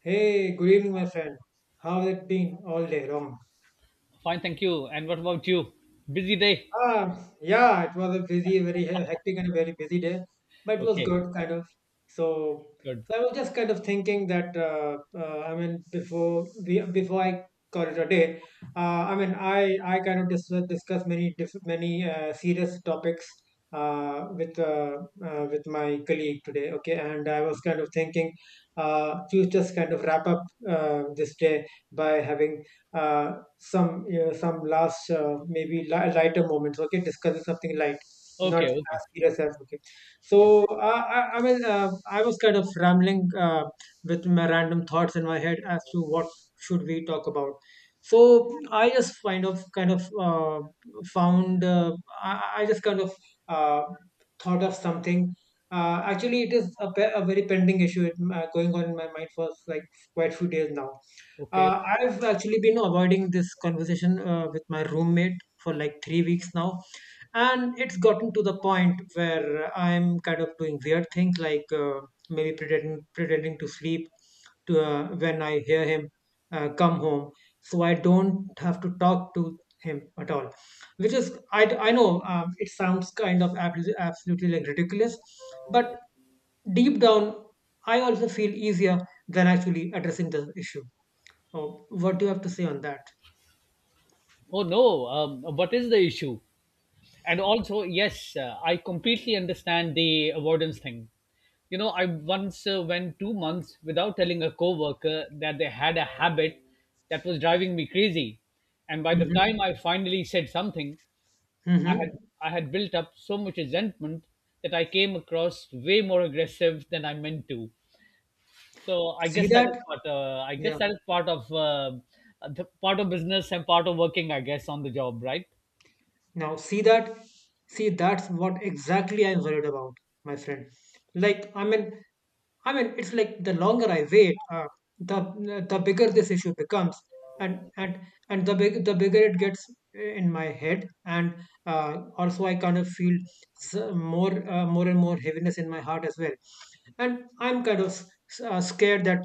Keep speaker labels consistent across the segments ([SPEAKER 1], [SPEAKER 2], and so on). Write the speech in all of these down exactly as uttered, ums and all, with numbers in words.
[SPEAKER 1] Hey, good evening, my friend. How has it been all day long?
[SPEAKER 2] Fine, thank you. And what about you? Busy day.
[SPEAKER 1] Ah, yeah, it was a busy, very he- hectic and a very busy day, but it was
[SPEAKER 2] Okay,
[SPEAKER 1] good, kind of. So,
[SPEAKER 2] good.
[SPEAKER 1] so I was just kind of thinking that, uh, uh, I mean, before we, before I call it a day, uh, I mean, I I kind of dis discuss many diff many uh, serious topics uh, with uh, uh, with my colleague today. Okay, and I was kind of thinking, uh, to just kind of wrap up uh, this day by having. Uh, some uh, some last uh, maybe li- lighter moments. Okay, discussing something light, not
[SPEAKER 2] Okay,
[SPEAKER 1] as
[SPEAKER 2] okay.
[SPEAKER 1] serious as okay.
[SPEAKER 2] Yeah.
[SPEAKER 1] So uh, I I mean, uh, I was kind of rambling uh, with my random thoughts in my head as to what should we talk about. So I just kind of kind of uh, found uh, I, I just kind of uh, thought of something. Uh, actually, it is a, pe- a very pending issue, it, uh, going on in my mind for like quite few days now.
[SPEAKER 2] Okay.
[SPEAKER 1] Uh, I've actually been avoiding this conversation uh, with my roommate for like three weeks now, and it's gotten to the point where I'm kind of doing weird things, like uh, maybe pretending pretending to sleep to uh, when I hear him uh, come home, so I don't have to talk to him at all. Which is, I I know, um, it sounds kind of abs- absolutely like ridiculous, but deep down, I also feel easier than actually addressing the issue. Oh, what do you have to say on that?
[SPEAKER 2] Oh no. Um, what is the issue? And also, yes, uh, I completely understand the avoidance thing. You know, I once uh, went two months without telling a coworker that they had a habit that was driving me crazy, and by the
[SPEAKER 1] Mm-hmm.
[SPEAKER 2] time I finally said something, I had
[SPEAKER 1] Mm-hmm.
[SPEAKER 2] I had built up so much resentment that I came across way more aggressive than I meant to. So I
[SPEAKER 1] See
[SPEAKER 2] guess that is
[SPEAKER 1] that?
[SPEAKER 2] what uh, I guess
[SPEAKER 1] Yeah.
[SPEAKER 2] that is part of uh, the part of business and part of working. I guess on the job, right?
[SPEAKER 1] Now see that? See, that's what exactly I'm worried about, my friend. Like, I mean, I mean, it's like the longer I wait, uh, the the bigger this issue becomes, and and and the big the bigger it gets in my head, and uh, also I kind of feel s- more uh, more and more heaviness in my heart as well, and I'm kind of s- uh, scared that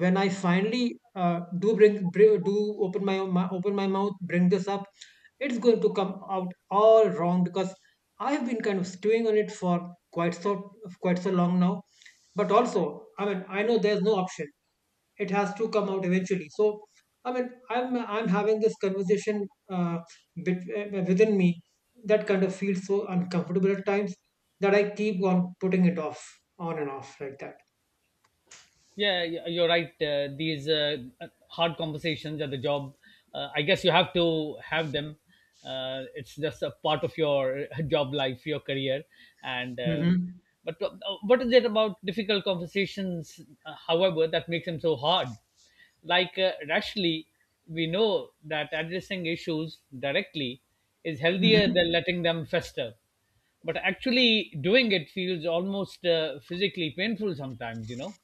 [SPEAKER 1] when I finally uh, do bring, bring do open my, my open my mouth, bring this up, it's going to come out all wrong because I've been kind of stewing on it for quite so quite so long now. But also, I mean, I know there's no option; it has to come out eventually. So, I mean, I'm I'm having this conversation. Uh, bet- uh, within me that kind of feels so uncomfortable at times that I keep on putting it off, on and off like that.
[SPEAKER 2] Yeah, y- you're right. Uh, these uh, uh, hard conversations at the job, uh, I guess you have to have them. Uh, it's just a part of your job life, your career, and um,
[SPEAKER 1] Mm-hmm.
[SPEAKER 2] but uh, what is it about difficult conversations, uh, however, that makes them so hard? Like uh, rationally, we know that addressing issues directly is healthier
[SPEAKER 1] Mm-hmm.
[SPEAKER 2] than letting them fester. But actually, doing it feels almost uh, physically painful sometimes, you know.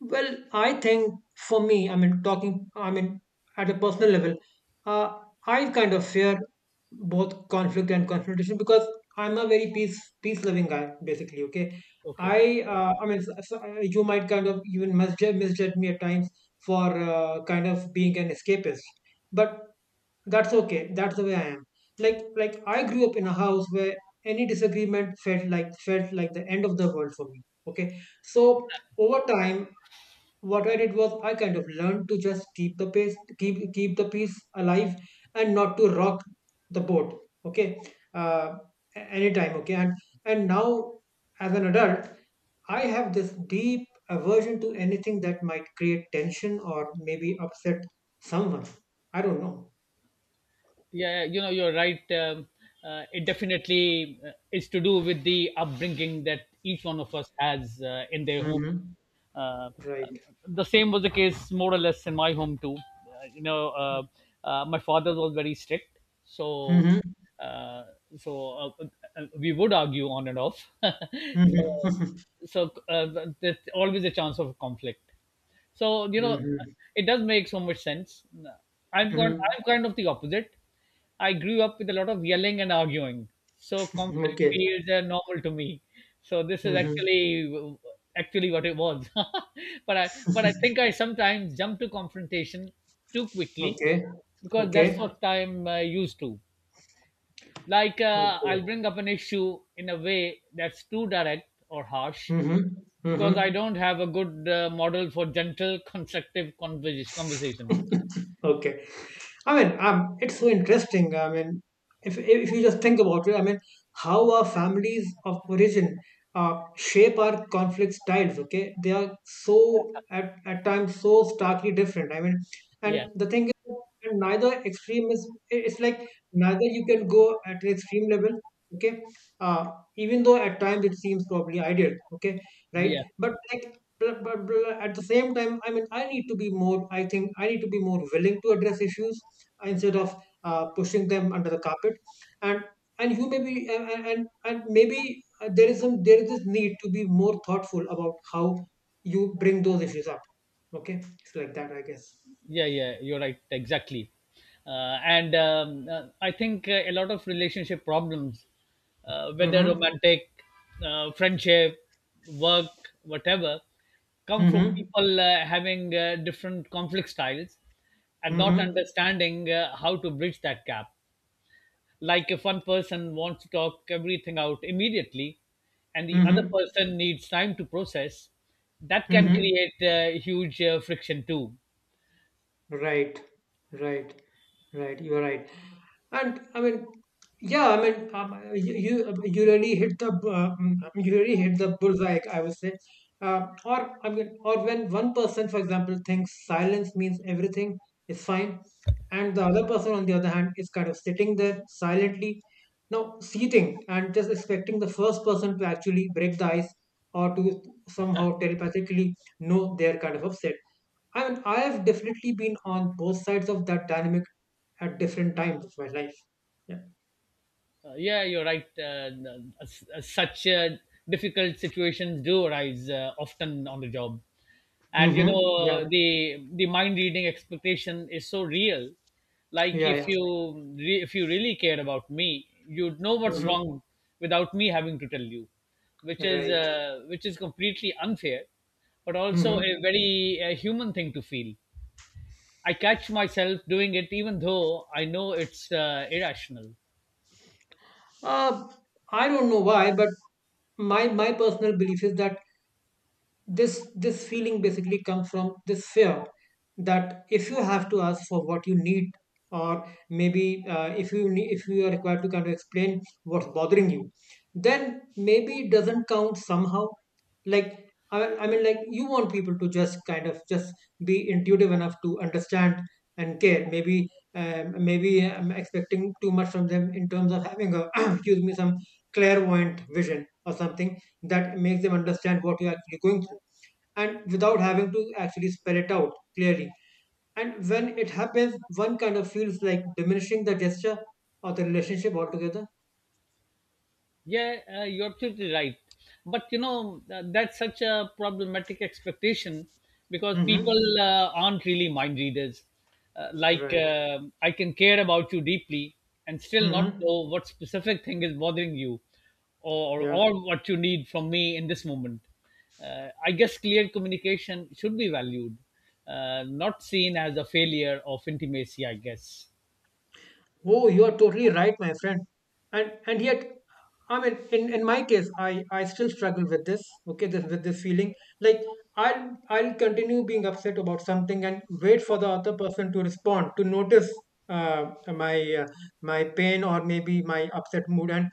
[SPEAKER 1] Well, I think for me, I mean, talking, I mean, at a personal level, uh, I kind of fear both conflict and confrontation because I'm a very peace peace loving guy, basically. Okay.
[SPEAKER 2] Okay.
[SPEAKER 1] I uh, I mean, so, so, uh, you might kind of even misjudge, misjudge me at times for uh, kind of being an escapist, but that's okay. That's the way I am. Like like I grew up in a house where any disagreement felt like felt like the end of the world for me. Okay, so over time, what I did was I kind of learned to just keep the pace, keep keep the peace alive, and not to rock the boat. Okay. uh, a- Anytime. Okay, and and now as an adult, I have this deep aversion to anything that might create tension or maybe upset someone. I don't know.
[SPEAKER 2] Yeah, yeah, you know, you're right. Um, uh, it definitely uh, is to do with the upbringing that each one of us has uh, in their home.
[SPEAKER 1] Mm-hmm.
[SPEAKER 2] Uh,
[SPEAKER 1] Right.
[SPEAKER 2] um, the same was the case, more or less, in my home too. Uh, you know, uh, uh, my father was very strict, so
[SPEAKER 1] Mm-hmm.
[SPEAKER 2] uh, so uh, uh, we would argue on and off. so
[SPEAKER 1] Mm-hmm.
[SPEAKER 2] so uh, there's always a chance of conflict. So you know,
[SPEAKER 1] Mm-hmm.
[SPEAKER 2] it does make so much sense. I'm kind,
[SPEAKER 1] Mm-hmm.
[SPEAKER 2] I'm kind of the opposite. I grew up with a lot of yelling and arguing, so conflict
[SPEAKER 1] Okay.
[SPEAKER 2] feels uh, normal to me. So this is
[SPEAKER 1] Mm-hmm.
[SPEAKER 2] actually actually what it was. But I but I think I sometimes jump to confrontation too quickly
[SPEAKER 1] Okay.
[SPEAKER 2] because that's
[SPEAKER 1] Okay.
[SPEAKER 2] what I'm uh, used to. Like uh,
[SPEAKER 1] Okay.
[SPEAKER 2] I'll bring up an issue in a way that's too direct or harsh,
[SPEAKER 1] Mm-hmm.
[SPEAKER 2] because I
[SPEAKER 1] Mm-hmm.
[SPEAKER 2] don't have a good uh, model for gentle, constructive conversation. Conversation.
[SPEAKER 1] Okay. I mean, um, it's so interesting. I mean, if if you just think about it, I mean, how our families of origin uh, shape our conflict styles. Okay, they are so at at times so starkly different. I mean, and
[SPEAKER 2] Yeah,
[SPEAKER 1] the thing is, and neither extreme is. It's like neither you can go at an extreme level. Okay. uh, Even though at times it seems probably ideal. Okay,
[SPEAKER 2] yeah,
[SPEAKER 1] right, but like but, but, but at the same time, I mean, i need to be more I think I need to be more willing to address issues instead of uh, pushing them under the carpet, and and you may be and and, and and maybe, uh, there is some there is this need to be more thoughtful about how you bring those issues up. Okay, it's like that, I guess.
[SPEAKER 2] yeah, yeah. You're right. Exactly. Uh, and um, uh, I think uh, a lot of relationship problems, uh, whether
[SPEAKER 1] Mm-hmm.
[SPEAKER 2] romantic, uh, friendship, work, whatever, come from
[SPEAKER 1] Mm-hmm.
[SPEAKER 2] people uh, having uh, different conflict styles and not
[SPEAKER 1] Mm-hmm.
[SPEAKER 2] understanding uh, how to bridge that gap. Like if one person wants to talk everything out immediately and the
[SPEAKER 1] Mm-hmm.
[SPEAKER 2] other person needs time to process, that can
[SPEAKER 1] Mm-hmm.
[SPEAKER 2] create uh, huge uh, friction too.
[SPEAKER 1] Right. Right. Right, you are right. And I mean, yeah, I mean, um, you you you really hit the uh, mm, you really hit the bullseye, I would say. Uh, or I mean, or when one person, for example, thinks silence means everything is fine, and the other person, on the other hand, is kind of sitting there silently, now seating and just expecting the first person to actually break the ice or to somehow telepathically know they're kind of upset. I mean, I have definitely been on both sides of that dynamic at different times of my life. Yeah.
[SPEAKER 2] Uh, yeah, you're right. Uh, n- s- uh, such uh, difficult situations do arise uh, often on the job, and you
[SPEAKER 1] Mm-hmm. Yeah.
[SPEAKER 2] know the the mind reading expectation is so real. Like
[SPEAKER 1] Yeah.
[SPEAKER 2] if
[SPEAKER 1] Yeah.
[SPEAKER 2] you re- if you really cared about me, you'd know what's
[SPEAKER 1] Hmm.
[SPEAKER 2] wrong without me having to tell you, which is
[SPEAKER 1] Right.
[SPEAKER 2] uh, which is completely unfair, but also a
[SPEAKER 1] Hmm.
[SPEAKER 2] very uh, human thing to feel. I catch myself doing it, even though I know it's uh, irrational.
[SPEAKER 1] Uh, I don't know why, but my my personal belief is that this this feeling basically comes from this fear that if you have to ask for what you need or maybe, uh, if you need, if you are required to kind of explain what's bothering you, then maybe it doesn't count somehow. Like, I, I mean, like you want people to just kind of just be intuitive enough to understand and care. Maybe, um, maybe I'm expecting too much from them in terms of having a excuse me, some clairvoyant vision or something that makes them understand what you're actually going through, and without having to actually spell it out clearly. And when it happens, one kind of feels like diminishing the gesture or the relationship altogether.
[SPEAKER 2] Yeah, uh, you're absolutely right. But you know, uh, that's such a problematic expectation because
[SPEAKER 1] Mm-hmm.
[SPEAKER 2] people uh, aren't really mind readers. Uh, like,
[SPEAKER 1] Right.
[SPEAKER 2] uh, I can care about you deeply and still not
[SPEAKER 1] Mm-hmm.
[SPEAKER 2] know what specific thing is bothering you or,
[SPEAKER 1] Yeah.
[SPEAKER 2] or what you need from me in this moment. Uh, I guess clear communication should be valued, uh, not seen as a failure of intimacy, I guess.
[SPEAKER 1] Oh, you are totally right, my friend. And and yet, I mean, in, in my case, I, I still struggle with this. Okay, this, with this feeling, like I'll I'll continue being upset about something and wait for the other person to respond, to notice uh, my uh, my pain or maybe my upset mood, and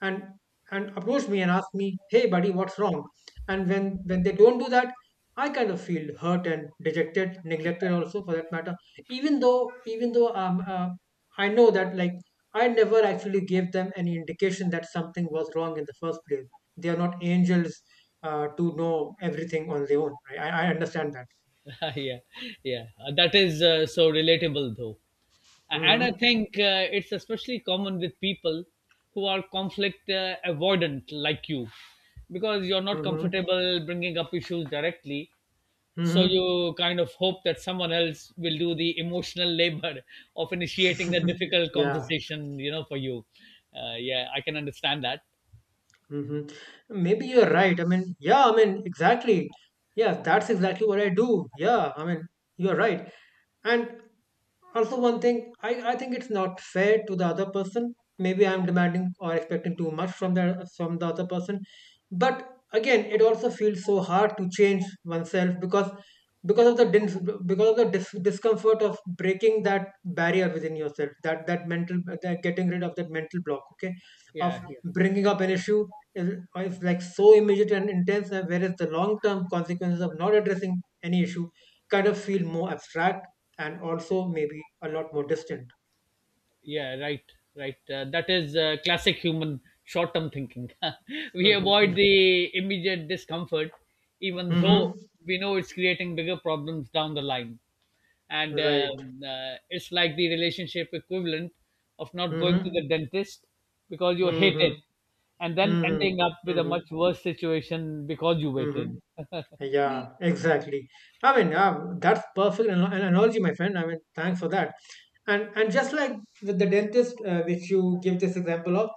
[SPEAKER 1] and and approach me and ask me, "Hey, buddy, what's wrong?" And when when they don't do that, I kind of feel hurt and dejected, neglected also for that matter, even though even though um, uh, I know that, like, I never actually gave them any indication that something was wrong in the first place. They are not angels uh, to know everything on their own. Right? I, I understand that.
[SPEAKER 2] yeah, yeah. Uh, That is uh, so relatable, though. A- And I
[SPEAKER 1] Mm-hmm.
[SPEAKER 2] think uh, it's especially common with people who are conflict uh, avoidant, like you, because you're not
[SPEAKER 1] Mm-hmm.
[SPEAKER 2] comfortable bringing up issues directly. So
[SPEAKER 1] Mm-hmm.
[SPEAKER 2] you kind of hope that someone else will do the emotional labor of initiating that difficult
[SPEAKER 1] Yeah.
[SPEAKER 2] conversation, you know, for you. Uh, yeah, I can understand that.
[SPEAKER 1] Mm-hmm. Maybe you're right. I mean, yeah, I mean, exactly. Yeah, that's exactly what I do. Yeah, I mean, you're right. And also, one thing, i i think it's not fair to the other person. Maybe I'm demanding or expecting too much from the from the other person, but again, it also feels so hard to change oneself because because of the dis- because of the dis- discomfort of breaking that barrier within yourself, that that mental that getting rid of that mental block. Okay.
[SPEAKER 2] Yeah,
[SPEAKER 1] Of
[SPEAKER 2] yeah.
[SPEAKER 1] bringing up an issue, is, is like so immediate and intense, uh, whereas the long term consequences of not addressing any issue kind of feel more abstract and also maybe a lot more distant.
[SPEAKER 2] Yeah, right, right. Uh, that is uh, classic human short-term thinking. We
[SPEAKER 1] Mm-hmm.
[SPEAKER 2] avoid the immediate discomfort even
[SPEAKER 1] Mm-hmm.
[SPEAKER 2] though we know it's creating bigger problems down the line, and
[SPEAKER 1] Right.
[SPEAKER 2] um, uh, it's like the relationship equivalent of not going to
[SPEAKER 1] Mm-hmm.
[SPEAKER 2] the dentist because you hate
[SPEAKER 1] Mm-hmm.
[SPEAKER 2] it and then
[SPEAKER 1] Mm-hmm.
[SPEAKER 2] ending up with a
[SPEAKER 1] Mm-hmm.
[SPEAKER 2] much worse situation because you
[SPEAKER 1] Mm-hmm.
[SPEAKER 2] waited.
[SPEAKER 1] Yeah, exactly. I mean, yeah, that's perfect an- an analogy, my friend. I mean, thanks for that. And and just like with the dentist, uh, which you give this example of,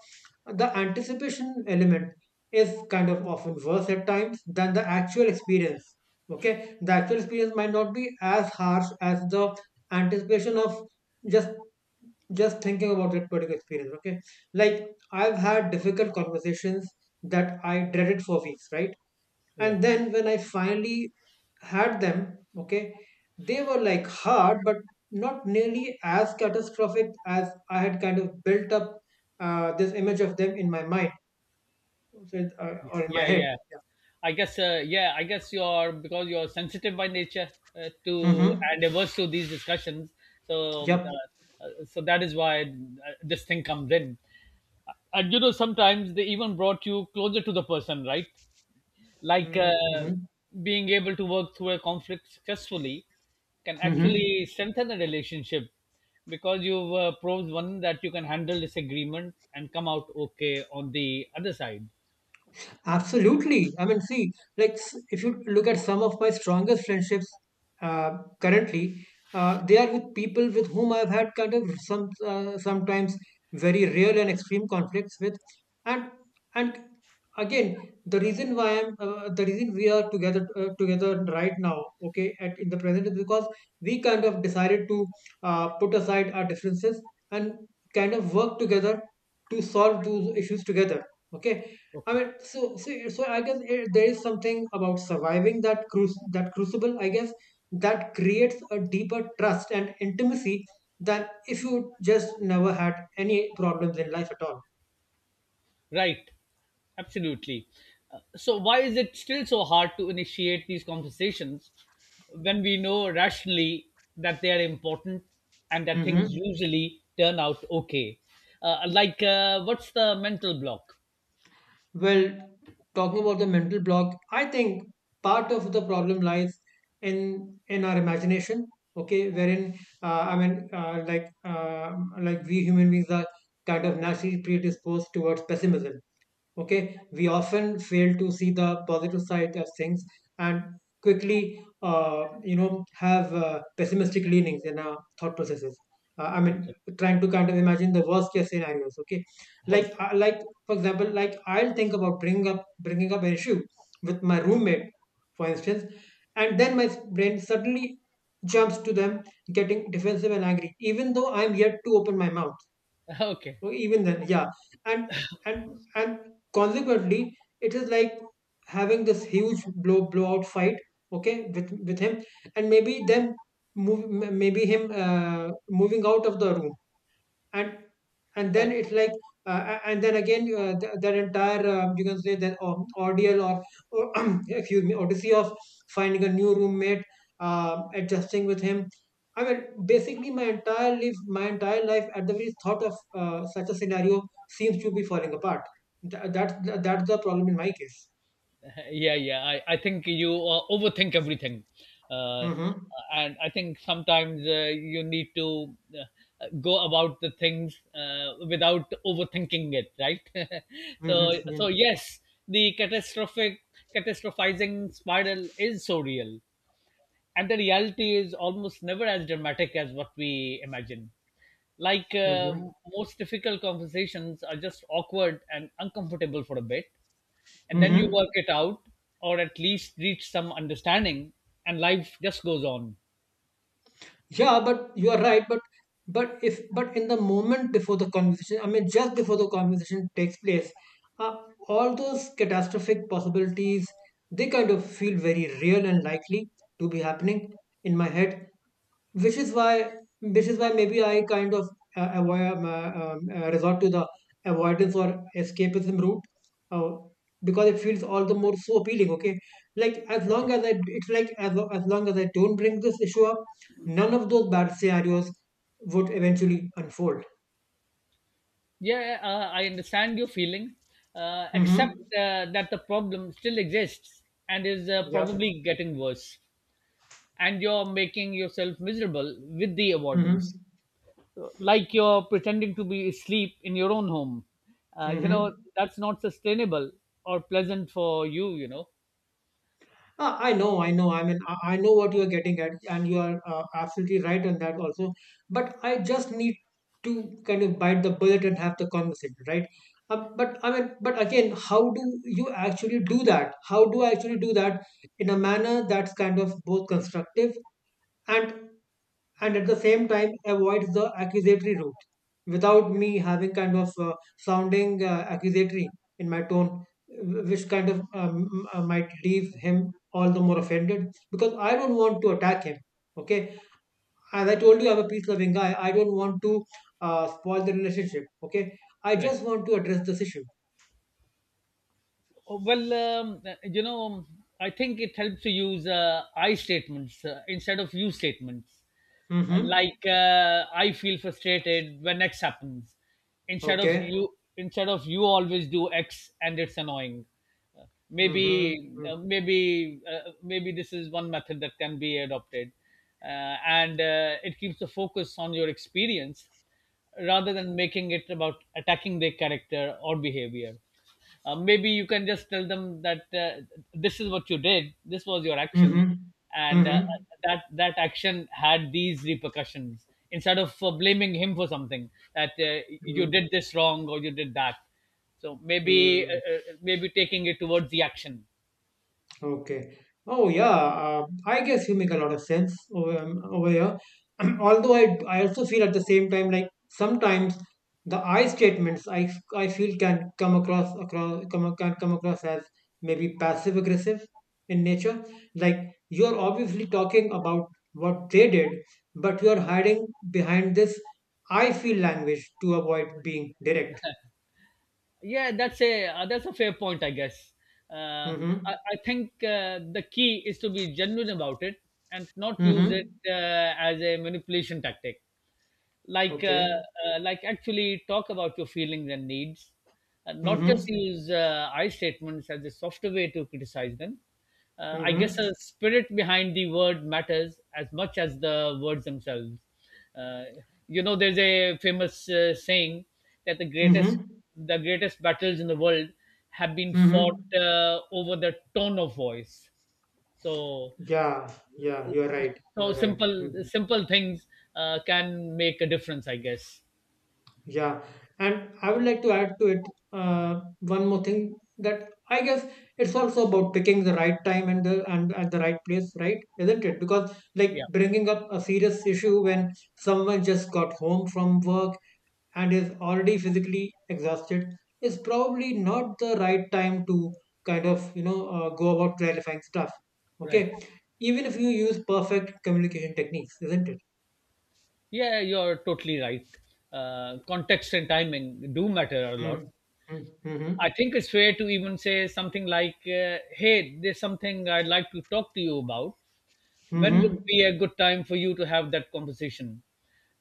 [SPEAKER 1] the anticipation element is kind of often worse at times than the actual experience. Okay, the actual experience might not be as harsh as the anticipation of just just thinking about that particular experience. Okay. Like, I've had difficult conversations that I dreaded for weeks, right?
[SPEAKER 2] Yeah.
[SPEAKER 1] And then when I finally had them, okay, they were like hard but not nearly as catastrophic as I had kind of built up uh, this image of them in my mind. So, it- uh,
[SPEAKER 2] Yeah,
[SPEAKER 1] or in my
[SPEAKER 2] yeah,
[SPEAKER 1] head.
[SPEAKER 2] yeah. I guess, uh, yeah, I guess you're, because you're sensitive by nature uh,
[SPEAKER 1] Yeah.
[SPEAKER 2] to
[SPEAKER 1] Mm-hmm.
[SPEAKER 2] and averse to these discussions. So, um,
[SPEAKER 1] Yep.
[SPEAKER 2] uh, uh, so that is why uh, this thing comes in. And you know, sometimes they even brought you closer to the person, right? Like uh,
[SPEAKER 1] Mm-hmm.
[SPEAKER 2] being able to work through a conflict successfully can
[SPEAKER 1] Mm-hmm.
[SPEAKER 2] actually strengthen a relationship because you've uh, proved one that you can handle disagreement and come out okay on the other side.
[SPEAKER 1] Absolutely. I mean, see, like, s- if you look at some of my strongest friendships uh, currently, uh, they are with people with whom I've had kind of some uh, sometimes very real and extreme conflicts with, and and again, the reason why I'm uh, the reason we are together uh, together right now, okay, at in the present is because we kind of decided to uh, put aside our differences and kind of work together to solve those issues together. Okay. I
[SPEAKER 2] Okay.
[SPEAKER 1] mean, so so, so I guess, eh, there is something about surviving that cruci that crucible, I guess, that creates a deeper trust and intimacy than if you just never had any problems in life at all.
[SPEAKER 2] Right, absolutely. Uh, So, why is it still so hard to initiate these conversations when we know rationally that they are important and that
[SPEAKER 1] Hmm.
[SPEAKER 2] things usually turn out okay? Uh, like, uh, what's the mental block?
[SPEAKER 1] Well, talking about the mental block, I think part of the problem lies in in our imagination. Okay, wherein uh, I mean, uh, like uh, like we human beings are kind of naturally predisposed towards pessimism. Okay, we often fail to see the positive side of things and quickly uh, you know have uh, pessimistic leanings in our thought processes. uh, i mean
[SPEAKER 2] Okay.
[SPEAKER 1] Trying to kind of imagine the worst case scenarios. Okay, like
[SPEAKER 2] Okay,
[SPEAKER 1] uh, like for example, like I'll think about bringing up bringing up an issue with my roommate, for instance, and then my brain suddenly jumps to them getting defensive and angry even though I'm yet to open my mouth.
[SPEAKER 2] okay,
[SPEAKER 1] So even then, yeah, and and and consequently, it is like having this huge blow blowout fight, okay, with with him, and maybe them move, m- maybe him uh, moving out of the room, and and
[SPEAKER 2] okay.
[SPEAKER 1] then it's like uh, a- and then again, uh, th- that entire um, you can say that um, ordeal, or or excuse me, odyssey of finding a new roommate, um, adjusting with him. I mean, basically my entire life, my entire life at the very thought of uh, such a scenario, seems to be falling apart. Th- that's that's the problem in my case.
[SPEAKER 2] Yeah, yeah, i, I think you uh, overthink everything, uh,
[SPEAKER 1] Mm-hmm.
[SPEAKER 2] and I think sometimes uh, you need to uh, go about the things uh, without overthinking it, right? So so
[SPEAKER 1] Mm-hmm.
[SPEAKER 2] yes, the catastrophic catastrophizing spiral is so real, and the reality is almost never as dramatic as what we imagine. Like uh,
[SPEAKER 1] Mm-hmm.
[SPEAKER 2] most difficult conversations are just awkward and uncomfortable for a bit, and then you
[SPEAKER 1] Mm-hmm.
[SPEAKER 2] work it out, or at least reach some understanding, and life just goes on.
[SPEAKER 1] Yeah, but you are right. But but if but in the moment before the conversation, I mean, just before the conversation takes place, uh, all those catastrophic possibilities, they kind of feel very real and likely to be happening in my head, which is why, which is why maybe I kind of uh, avoid um, uh, um, uh, resort to the avoidance or escapism route, uh, because it feels all the more so appealing. Okay, like as long as I it's like as lo- as long as I don't bring this issue up, none of those bad scenarios would eventually unfold.
[SPEAKER 2] Yeah, uh, I understand your feeling, uh, except
[SPEAKER 1] Mm-hmm.
[SPEAKER 2] uh, that the problem still exists and is uh,
[SPEAKER 1] Yep.
[SPEAKER 2] probably getting worse, and you're making yourself miserable with the avoidance.
[SPEAKER 1] Mm-hmm.
[SPEAKER 2] Like you're pretending to be asleep in your own home. Uh, you know,
[SPEAKER 1] Mm-hmm.
[SPEAKER 2] that's not sustainable or pleasant for you, you know.
[SPEAKER 1] Uh, I know, I know. I mean, I, I know what you are getting at, and you are uh, absolutely right on that also. But I just need to kind of bite the bullet and have the conversation, right? Uh, but I mean, but again, how do you actually do that? How do I actually do that in a manner that's kind of both constructive and and at the same time avoids the accusatory route without me having kind of uh, sounding uh, accusatory in my tone, wh- which kind of um, uh, might leave him all the more offended, because I don't want to attack him. Okay, as I told you, I'm a peace loving guy. I don't want to uh, spoil the relationship. Okay, I
[SPEAKER 2] Correct.
[SPEAKER 1] just want to address this issue.
[SPEAKER 2] Oh, well, um, you know, I think it helps to use uh, I statements uh, instead of you statements. Uh,
[SPEAKER 1] Mm-hmm.
[SPEAKER 2] Like uh, I feel frustrated when X happens, instead of
[SPEAKER 1] Okay.
[SPEAKER 2] you instead of you always do X and it's annoying. Uh,
[SPEAKER 1] Mm-hmm.
[SPEAKER 2] maybe uh,
[SPEAKER 1] Mm-hmm.
[SPEAKER 2] maybe uh, maybe this is one method that can be adopted, uh, and uh, it keeps the focus on your experience rather than making it about attacking their character or behavior. Uh, maybe you can just tell them that uh, this is what you did, this was your action,
[SPEAKER 1] Mm-hmm.
[SPEAKER 2] and uh,
[SPEAKER 1] Mm-hmm.
[SPEAKER 2] that that action had these repercussions. Instead of uh, blaming him for something that uh, you did this wrong or you did that, so maybe
[SPEAKER 1] Mm-hmm.
[SPEAKER 2] uh, uh, maybe taking it towards the action.
[SPEAKER 1] Okay. Oh yeah, uh, I guess you make a lot of sense over, um, over here. Although I, I also feel at the same time, like, sometimes the I statements I, f- I feel can come across across come ac- can come across as maybe passive aggressive in nature. Like, you're obviously talking about what they did, but you're hiding behind this I feel language to avoid being direct.
[SPEAKER 2] Yeah, that's a uh, that's a fair point, I guess. Uh, I,
[SPEAKER 1] Mm-hmm.
[SPEAKER 2] I think uh, the key is to be genuine about it and not use
[SPEAKER 1] Mm-hmm.
[SPEAKER 2] it uh, as a manipulation tactic. Like uh,
[SPEAKER 1] Okay.
[SPEAKER 2] uh, like actually talk about your feelings and needs and not just
[SPEAKER 1] Mm-hmm.
[SPEAKER 2] use uh, I statements as a softer way to criticize them. uh, I guess
[SPEAKER 1] Mm-hmm.
[SPEAKER 2] the spirit behind the word matters as much as the words themselves. uh, you know, there's a famous uh, saying that the greatest
[SPEAKER 1] Mm-hmm.
[SPEAKER 2] the greatest battles in the world have been fought
[SPEAKER 1] Mm-hmm.
[SPEAKER 2] uh, over the tone of voice. So
[SPEAKER 1] Yeah, yeah, you're right. You're
[SPEAKER 2] so
[SPEAKER 1] right.
[SPEAKER 2] simple
[SPEAKER 1] Hmm.
[SPEAKER 2] simple things uh, can make a difference, I guess.
[SPEAKER 1] Yeah, and I would like to add to it uh, one more thing, that I guess it's also about picking the right time and the and at the right place, right? Isn't it? Because, like,
[SPEAKER 2] Yeah.
[SPEAKER 1] bringing up a serious issue when someone just got home from work and is already physically exhausted is probably not the right time to kind of you know uh, go about clarifying stuff.
[SPEAKER 2] Right.
[SPEAKER 1] Okay, even if you use perfect communication techniques, isn't it?
[SPEAKER 2] Yeah, you're totally right. Uh, context and timing do matter a lot.
[SPEAKER 1] Mm-hmm. Mm-hmm.
[SPEAKER 2] I think it's fair to even say something like, uh, hey, there's something I'd like to talk to you about. When would
[SPEAKER 1] Mm-hmm.
[SPEAKER 2] be a good time for you to have that conversation?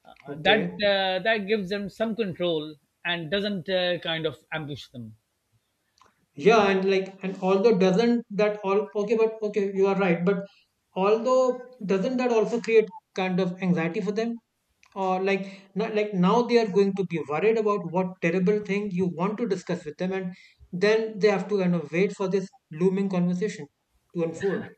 [SPEAKER 2] Uh, that,
[SPEAKER 1] Okay.
[SPEAKER 2] uh, that gives them some control and doesn't uh, kind of ambush them.
[SPEAKER 1] Yeah, and like, and although doesn't that all okay, but okay, you are right. But although doesn't that also create kind of anxiety for them? Or like, not, like, now they are going to be worried about what terrible thing you want to discuss with them, and then they have to kind of wait for this looming conversation to unfold.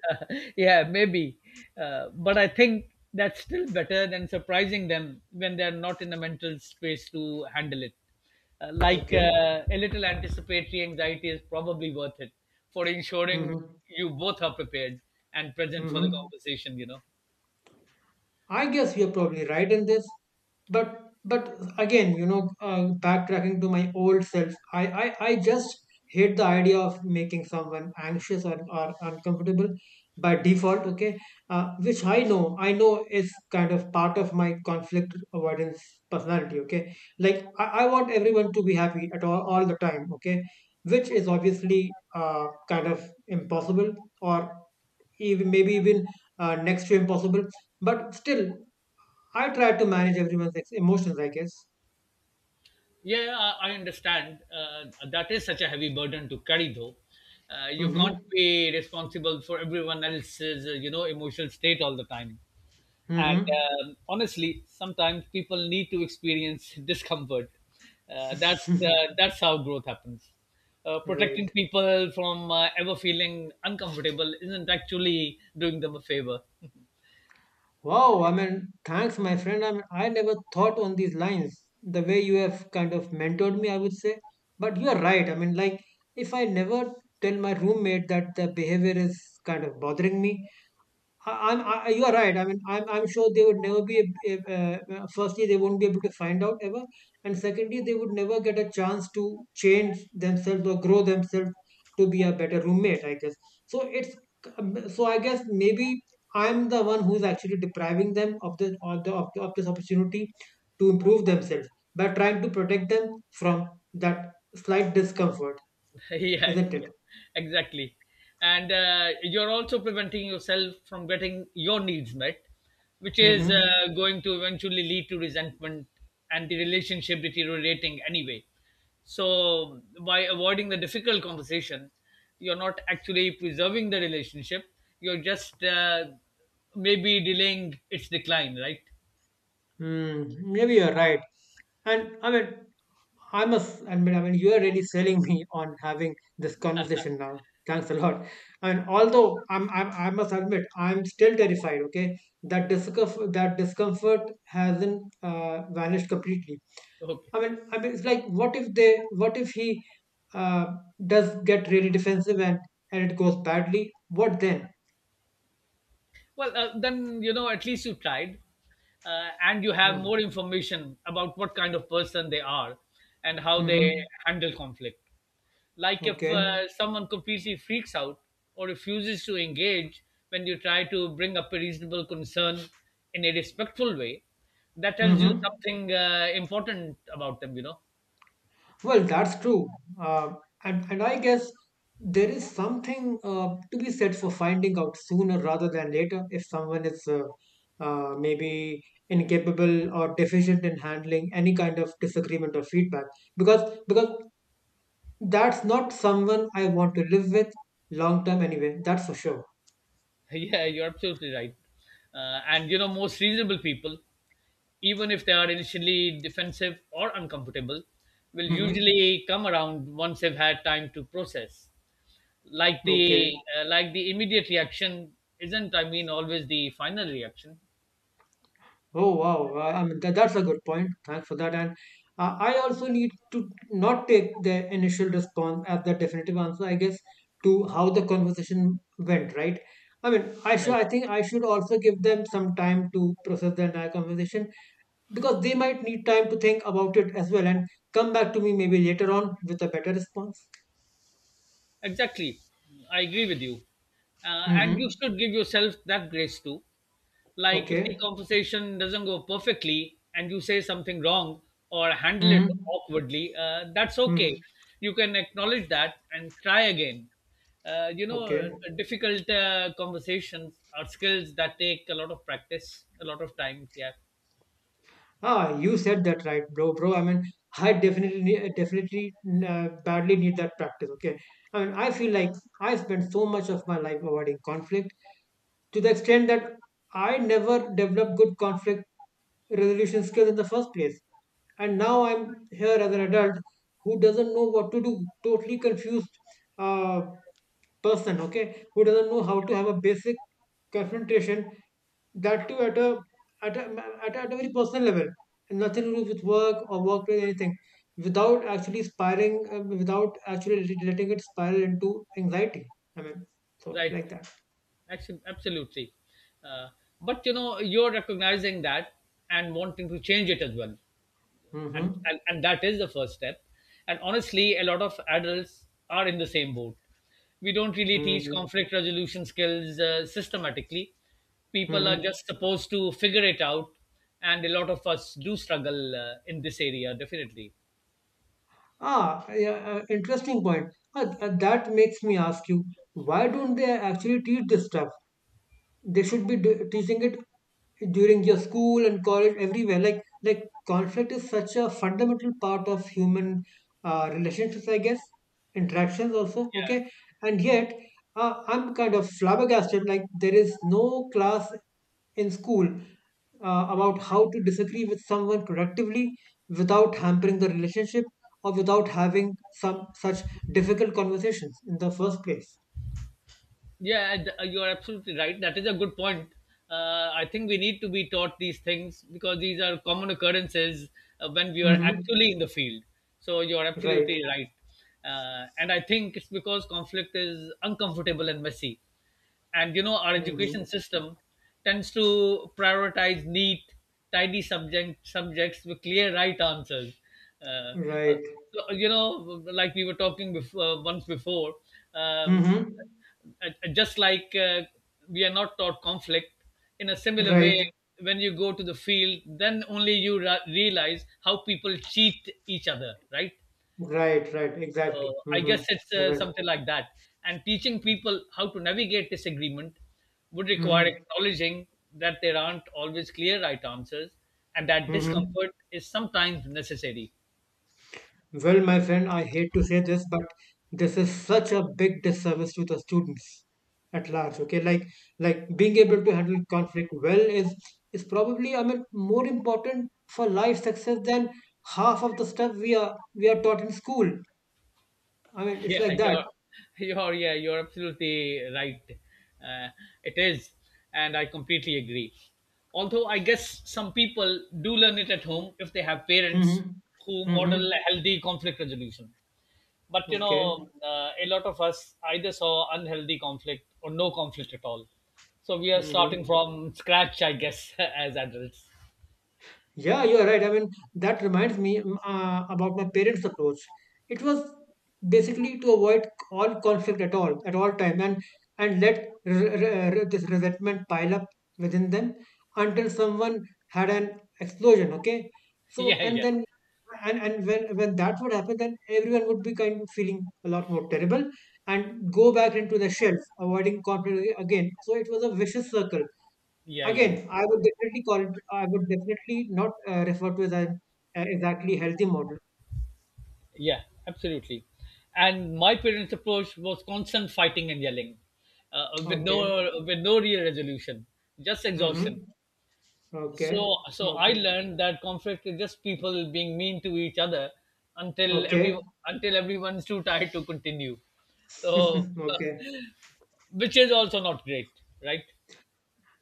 [SPEAKER 2] Yeah, maybe. Uh, but I think that's still better than surprising them when they're not in a mental space to handle it. Uh, like
[SPEAKER 1] Okay.
[SPEAKER 2] uh, a little anticipatory anxiety is probably worth it for ensuring
[SPEAKER 1] Mm-hmm.
[SPEAKER 2] you both are prepared and present for the
[SPEAKER 1] Mm-hmm.
[SPEAKER 2] conversation, you know.
[SPEAKER 1] I guess you're probably right in this, but but again, you know, uh, backtracking to my old self, I, I I just hate the idea of making someone anxious, or or uncomfortable by default. Okay, uh, which I know, I know is kind of part of my conflict avoidance personality. Okay, like, I, I want everyone to be happy at all all the time. Okay, which is obviously uh, kind of impossible, or even maybe even uh, next to impossible, but still I try to manage everyone's ex- emotions, I guess.
[SPEAKER 2] Yeah, yeah, I I understand. Uh, that is such a heavy burden to carry, though. Uh, you
[SPEAKER 1] Mm-hmm.
[SPEAKER 2] can't be responsible for everyone else's, uh, you know, emotional state all the time. And
[SPEAKER 1] Mm-hmm.
[SPEAKER 2] um, honestly, sometimes people need to experience discomfort. Uh, that's uh, that's how growth happens. Uh, protecting
[SPEAKER 1] Right.
[SPEAKER 2] people from uh, ever feeling uncomfortable isn't actually doing them a favor.
[SPEAKER 1] Wow. I mean, thanks, my friend. I mean, I never thought on these lines. The way you have kind of mentored me, I would say. But you are right. I mean, like, if I never tell my roommate that the behavior is kind of bothering me, I, I'm, I, you are right. I mean, I'm, I'm sure they would never be, ab- ab- uh, uh, firstly, they won't be able to find out, ever. And secondly, they would never get a chance to change themselves or grow themselves to be a better roommate, I guess. So it's, um, so I guess maybe I'm the one who's actually depriving them of the, of the, of, the, of this opportunity to improve themselves by trying to protect them from that slight discomfort,
[SPEAKER 2] Yeah,
[SPEAKER 1] isn't
[SPEAKER 2] yeah,
[SPEAKER 1] it?
[SPEAKER 2] exactly. And uh, you're also preventing yourself from getting your needs met, which is
[SPEAKER 1] Mm-hmm.
[SPEAKER 2] uh, going to eventually lead to resentment and the relationship deteriorating anyway. So, by avoiding the difficult conversation, you're not actually preserving the relationship, you're just uh, maybe delaying its decline, right?
[SPEAKER 1] Mm, maybe you're right. And I mean, I must admit, I mean, you are really selling me on having this conversation now. Thanks a lot. And although I'm, I'm, I must admit, I'm still terrified. Okay, that discomfort, that discomfort hasn't uh, vanished completely.
[SPEAKER 2] Okay.
[SPEAKER 1] I mean, I mean, it's like, what if they, what if he uh, does get really defensive and and it goes badly? What then?
[SPEAKER 2] Well, uh, then you know at least you tried, uh, and you have
[SPEAKER 1] Mm-hmm.
[SPEAKER 2] more information about what kind of person they are and how they
[SPEAKER 1] Mm-hmm.
[SPEAKER 2] handle conflict. Like if
[SPEAKER 1] Okay.
[SPEAKER 2] uh, someone completely freaks out or refuses to engage when you try to bring up a reasonable concern in a respectful way, that tells you
[SPEAKER 1] Mm-hmm.
[SPEAKER 2] something uh, important about them. You know,
[SPEAKER 1] Well, that's true. Uh, and, and I guess there is something uh, to be said for finding out sooner rather than later if someone is uh, uh, maybe incapable or deficient in handling any kind of disagreement or feedback. Because because that's not someone I want to live with long term anyway, that's for sure.
[SPEAKER 2] yeah, you're absolutely right. Uh, and you know, most reasonable people, even if they are initially defensive or uncomfortable, will
[SPEAKER 1] Hmm.
[SPEAKER 2] usually come around once they've had time to process. Like
[SPEAKER 1] Okay.
[SPEAKER 2] the uh, like the immediate reaction isn't, I mean, always the final reaction,
[SPEAKER 1] Oh wow! I I mean, tha- that's a good point. Thanks for that. And uh, I also need to not take the initial response as the definitive answer, I guess, to how the conversation went. Right? I mean, I should.
[SPEAKER 2] right?
[SPEAKER 1] I think I should also give them some time to process the entire conversation, because they might need time to think about it as well, and come back to me maybe later on with a better response.
[SPEAKER 2] Exactly. I agree with you. Uh, and you
[SPEAKER 1] Mm-hmm.
[SPEAKER 2] should give yourself that grace too. Like if the
[SPEAKER 1] Okay.
[SPEAKER 2] conversation doesn't go perfectly and you say something wrong or handle it
[SPEAKER 1] Mm-hmm.
[SPEAKER 2] awkwardly, uh, that's
[SPEAKER 1] Mm-hmm.
[SPEAKER 2] okay. You can acknowledge that and try again. Uh, you know, uh,
[SPEAKER 1] Okay.
[SPEAKER 2] Difficult uh, conversations are skills that take a lot of practice, a lot of time. Yeah,
[SPEAKER 1] Ah, you said that right, bro, bro. I mean, I definitely, need, definitely, uh, badly need that practice. Okay, I mean, I feel like I spent so much of my life avoiding conflict to the extent that I never developed good conflict resolution skills in the first place. And now I'm here as an adult who doesn't know what to do, totally confused uh, person. Okay, who doesn't know how to have a basic confrontation, that too at a at a, at a, at a very personal level, and nothing to do with work or workplace anything, without actually spiraling, um, without actually let- letting it spiral into anxiety. I mean, so it's
[SPEAKER 2] right.
[SPEAKER 1] like that.
[SPEAKER 2] Actually, absolutely. Uh, but you know, you're recognizing that and wanting to change it as well. and,
[SPEAKER 1] Mm-hmm.
[SPEAKER 2] and and that is the first step, and honestly a lot of adults are in the same boat. We don't really teach
[SPEAKER 1] Mm-hmm.
[SPEAKER 2] conflict resolution skills uh, systematically. People are
[SPEAKER 1] Mm-hmm.
[SPEAKER 2] just supposed to figure it out, and a lot of us do struggle uh, in this area definitely.
[SPEAKER 1] Ah yeah, uh, interesting point. Ah, th- that makes me ask you, why don't they actually teach this stuff? They should be d- teaching it during your school and college, everywhere. like like conflict is such a fundamental part of human uh, relationships, I guess, interactions also. Okay, and yet uh, I'm kind of flabbergasted. Like, there is no class in school uh, about how to disagree with someone productively without hampering the relationship, or without having some such difficult conversations in the first place.
[SPEAKER 2] Yeah, and, uh, you are absolutely right. That is a good point. Uh, I think we need to be taught these things because these are common occurrences uh, when we are
[SPEAKER 1] Mm-hmm.
[SPEAKER 2] actually in the field. So you are
[SPEAKER 1] Right.
[SPEAKER 2] absolutely right. Uh, and I think it's because conflict is uncomfortable and messy, and you know our education
[SPEAKER 1] Mm-hmm.
[SPEAKER 2] system tends to prioritize neat, tidy subject subjects with clear right answers. uh, uh,
[SPEAKER 1] Right.
[SPEAKER 2] so, you know, like we were talking before once before, um,
[SPEAKER 1] Mm-hmm.
[SPEAKER 2] uh, uh, just like, uh, we are not taught conflict in a similar way.
[SPEAKER 1] Right,
[SPEAKER 2] When you go to the field then only you ra- realize how people cheat each other, right?
[SPEAKER 1] right, right, exactly.
[SPEAKER 2] So I guess it's
[SPEAKER 1] Mm-hmm.
[SPEAKER 2] uh,
[SPEAKER 1] Right.
[SPEAKER 2] something like that. And teaching people how to navigate disagreement would require
[SPEAKER 1] Mm-hmm.
[SPEAKER 2] acknowledging that there aren't always clear right answers, and that
[SPEAKER 1] Mm-hmm.
[SPEAKER 2] discomfort is sometimes necessary.
[SPEAKER 1] Well, my friend, I hate to say this, but this is such a big disservice to the students at large. Okay, like like being able to handle conflict well is is probably, I mean, more important for life success than half of the stuff we are we are taught in school. I mean, it's
[SPEAKER 2] Yeah,
[SPEAKER 1] like
[SPEAKER 2] you're,
[SPEAKER 1] that.
[SPEAKER 2] you're, yeah, you're absolutely right. Uh, it is. And I completely agree. Although I guess some people do learn it at home if they have parents
[SPEAKER 1] Mm-hmm.
[SPEAKER 2] who model
[SPEAKER 1] Mm-hmm.
[SPEAKER 2] a healthy conflict resolution. But you know,
[SPEAKER 1] Okay.
[SPEAKER 2] uh, a lot of us either saw unhealthy conflict or no conflict at all, so we are
[SPEAKER 1] Mm-hmm.
[SPEAKER 2] starting from scratch, I guess. As adults.
[SPEAKER 1] Yeah, you're right. I mean, that reminds me, mm, uh, about my parents' approach. It was basically to avoid all conflict at all, at all time, and and let r- r- r- this resentment pile up within them until someone had an explosion. Okay, so
[SPEAKER 2] yeah
[SPEAKER 1] and
[SPEAKER 2] yeah
[SPEAKER 1] then and and when when that would happen, then everyone would be kind of feeling a lot more terrible and go back into the shelf, avoiding conflict again. So it was a vicious circle.
[SPEAKER 2] yeah yeah yeah
[SPEAKER 1] Again, I would definitely call it, I would definitely not uh, refer to it as an uh, exactly healthy model.
[SPEAKER 2] Yeah, absolutely. And my parents approach was constant fighting and yelling, uh, with
[SPEAKER 1] Okay.
[SPEAKER 2] no with no real resolution, just exhaustion.
[SPEAKER 1] Mm-hmm.
[SPEAKER 2] so
[SPEAKER 1] Okay.
[SPEAKER 2] so I
[SPEAKER 1] Okay.
[SPEAKER 2] learned that conflict is just people being mean to each other until
[SPEAKER 1] Okay.
[SPEAKER 2] every until everyone's too tired to continue. So,
[SPEAKER 1] Okay.
[SPEAKER 2] which is also not great, right?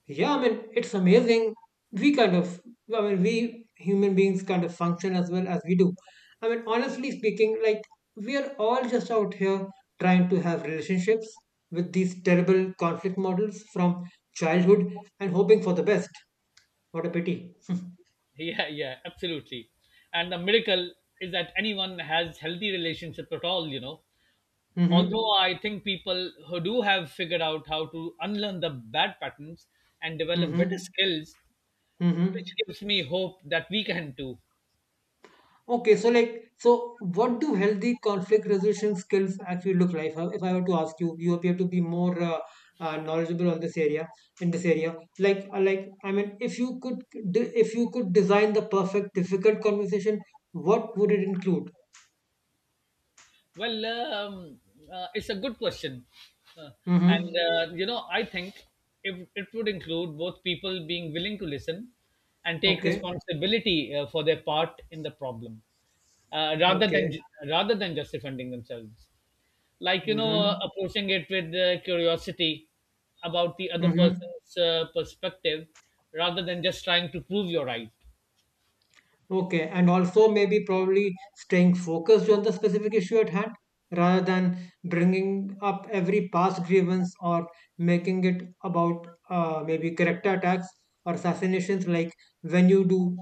[SPEAKER 1] Yeah, I mean, it's amazing. We kind of, I mean, we human beings kind of function as well as we do. I mean, honestly speaking, like, we are all just out here trying to have relationships with these terrible conflict models from childhood, and hoping for the best. What a pity.
[SPEAKER 2] Yeah, yeah, absolutely. And the miracle is that anyone has healthy relationship at all, you know. Although
[SPEAKER 1] Mm-hmm.
[SPEAKER 2] I think people who do have figured out how to unlearn the bad patterns and develop better
[SPEAKER 1] Mm-hmm.
[SPEAKER 2] skills, which
[SPEAKER 1] Mm-hmm.
[SPEAKER 2] gives me hope that we can too.
[SPEAKER 1] Okay, so like, so what do healthy conflict resolution skills actually look like? How— if I were to ask you, you appear to be more uh, uh, knowledgeable on this area. In this area, like, uh, like, I mean, if you could, de- if you could design the perfect difficult conversation, what would it include?
[SPEAKER 2] Well, um, uh, it's a good question. Uh, and,
[SPEAKER 1] Mm-hmm.
[SPEAKER 2] uh, you know, I think if it would include both people being willing to listen and take
[SPEAKER 1] Okay.
[SPEAKER 2] responsibility uh, for their part in the problem. Uh, rather than
[SPEAKER 1] Okay.
[SPEAKER 2] ju- Rather than just defending themselves, like you know, uh,
[SPEAKER 1] Mm-hmm.
[SPEAKER 2] approaching it with uh, curiosity about the other
[SPEAKER 1] Mm-hmm.
[SPEAKER 2] person's uh, perspective, rather than just trying to prove you're right.
[SPEAKER 1] Okay, and also maybe probably staying focused on the specific issue at hand rather than bringing up every past grievance, or making it about uh, maybe character attacks or assassinations, like, when you do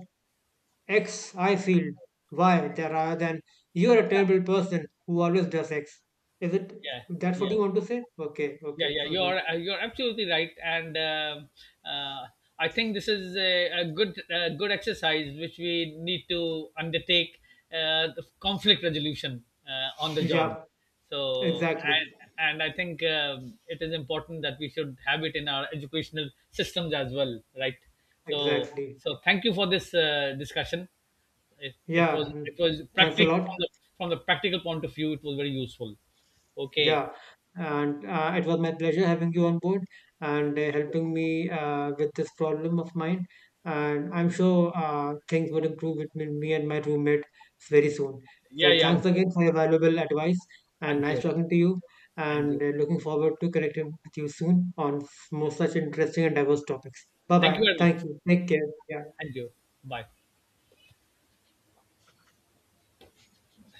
[SPEAKER 1] X, I feel Y, there, rather than you're a terrible person who always does X. Is it
[SPEAKER 2] yeah
[SPEAKER 1] that's what
[SPEAKER 2] yeah
[SPEAKER 1] you want to say? Okay,
[SPEAKER 2] Yeah,
[SPEAKER 1] okay.
[SPEAKER 2] yeah, you
[SPEAKER 1] Hmm.
[SPEAKER 2] are uh, you are absolutely right, and um uh, I think this is a, a good uh, good exercise which we need to undertake, uh, the conflict resolution uh, on the job.
[SPEAKER 1] Yeah,
[SPEAKER 2] So,
[SPEAKER 1] exactly,
[SPEAKER 2] and, and I think um, it is important that we should have it in our educational systems as well, right? So,
[SPEAKER 1] exactly.
[SPEAKER 2] so thank you for this uh, discussion. It, it
[SPEAKER 1] Yeah,
[SPEAKER 2] was
[SPEAKER 1] mm.
[SPEAKER 2] it was
[SPEAKER 1] Thanks a
[SPEAKER 2] practical from
[SPEAKER 1] lot.
[SPEAKER 2] the from the practical point of view. It was very useful. Okay.
[SPEAKER 1] Yeah, and uh, it was my pleasure having you on board and uh, helping me uh, with this problem of mine. And I'm sure uh, things will improve between me and my roommate very soon. So
[SPEAKER 2] Yeah, yeah, I'm
[SPEAKER 1] thanks
[SPEAKER 2] sure.
[SPEAKER 1] again for your valuable advice and
[SPEAKER 2] I'm
[SPEAKER 1] nice
[SPEAKER 2] sure.
[SPEAKER 1] talking to you.
[SPEAKER 2] And you.
[SPEAKER 1] And uh, looking forward to connecting with you soon on more such interesting and diverse topics. Bye
[SPEAKER 2] Thank
[SPEAKER 1] bye.
[SPEAKER 2] you very much.
[SPEAKER 1] Thank you. Take care. Yeah.
[SPEAKER 2] And you. Bye.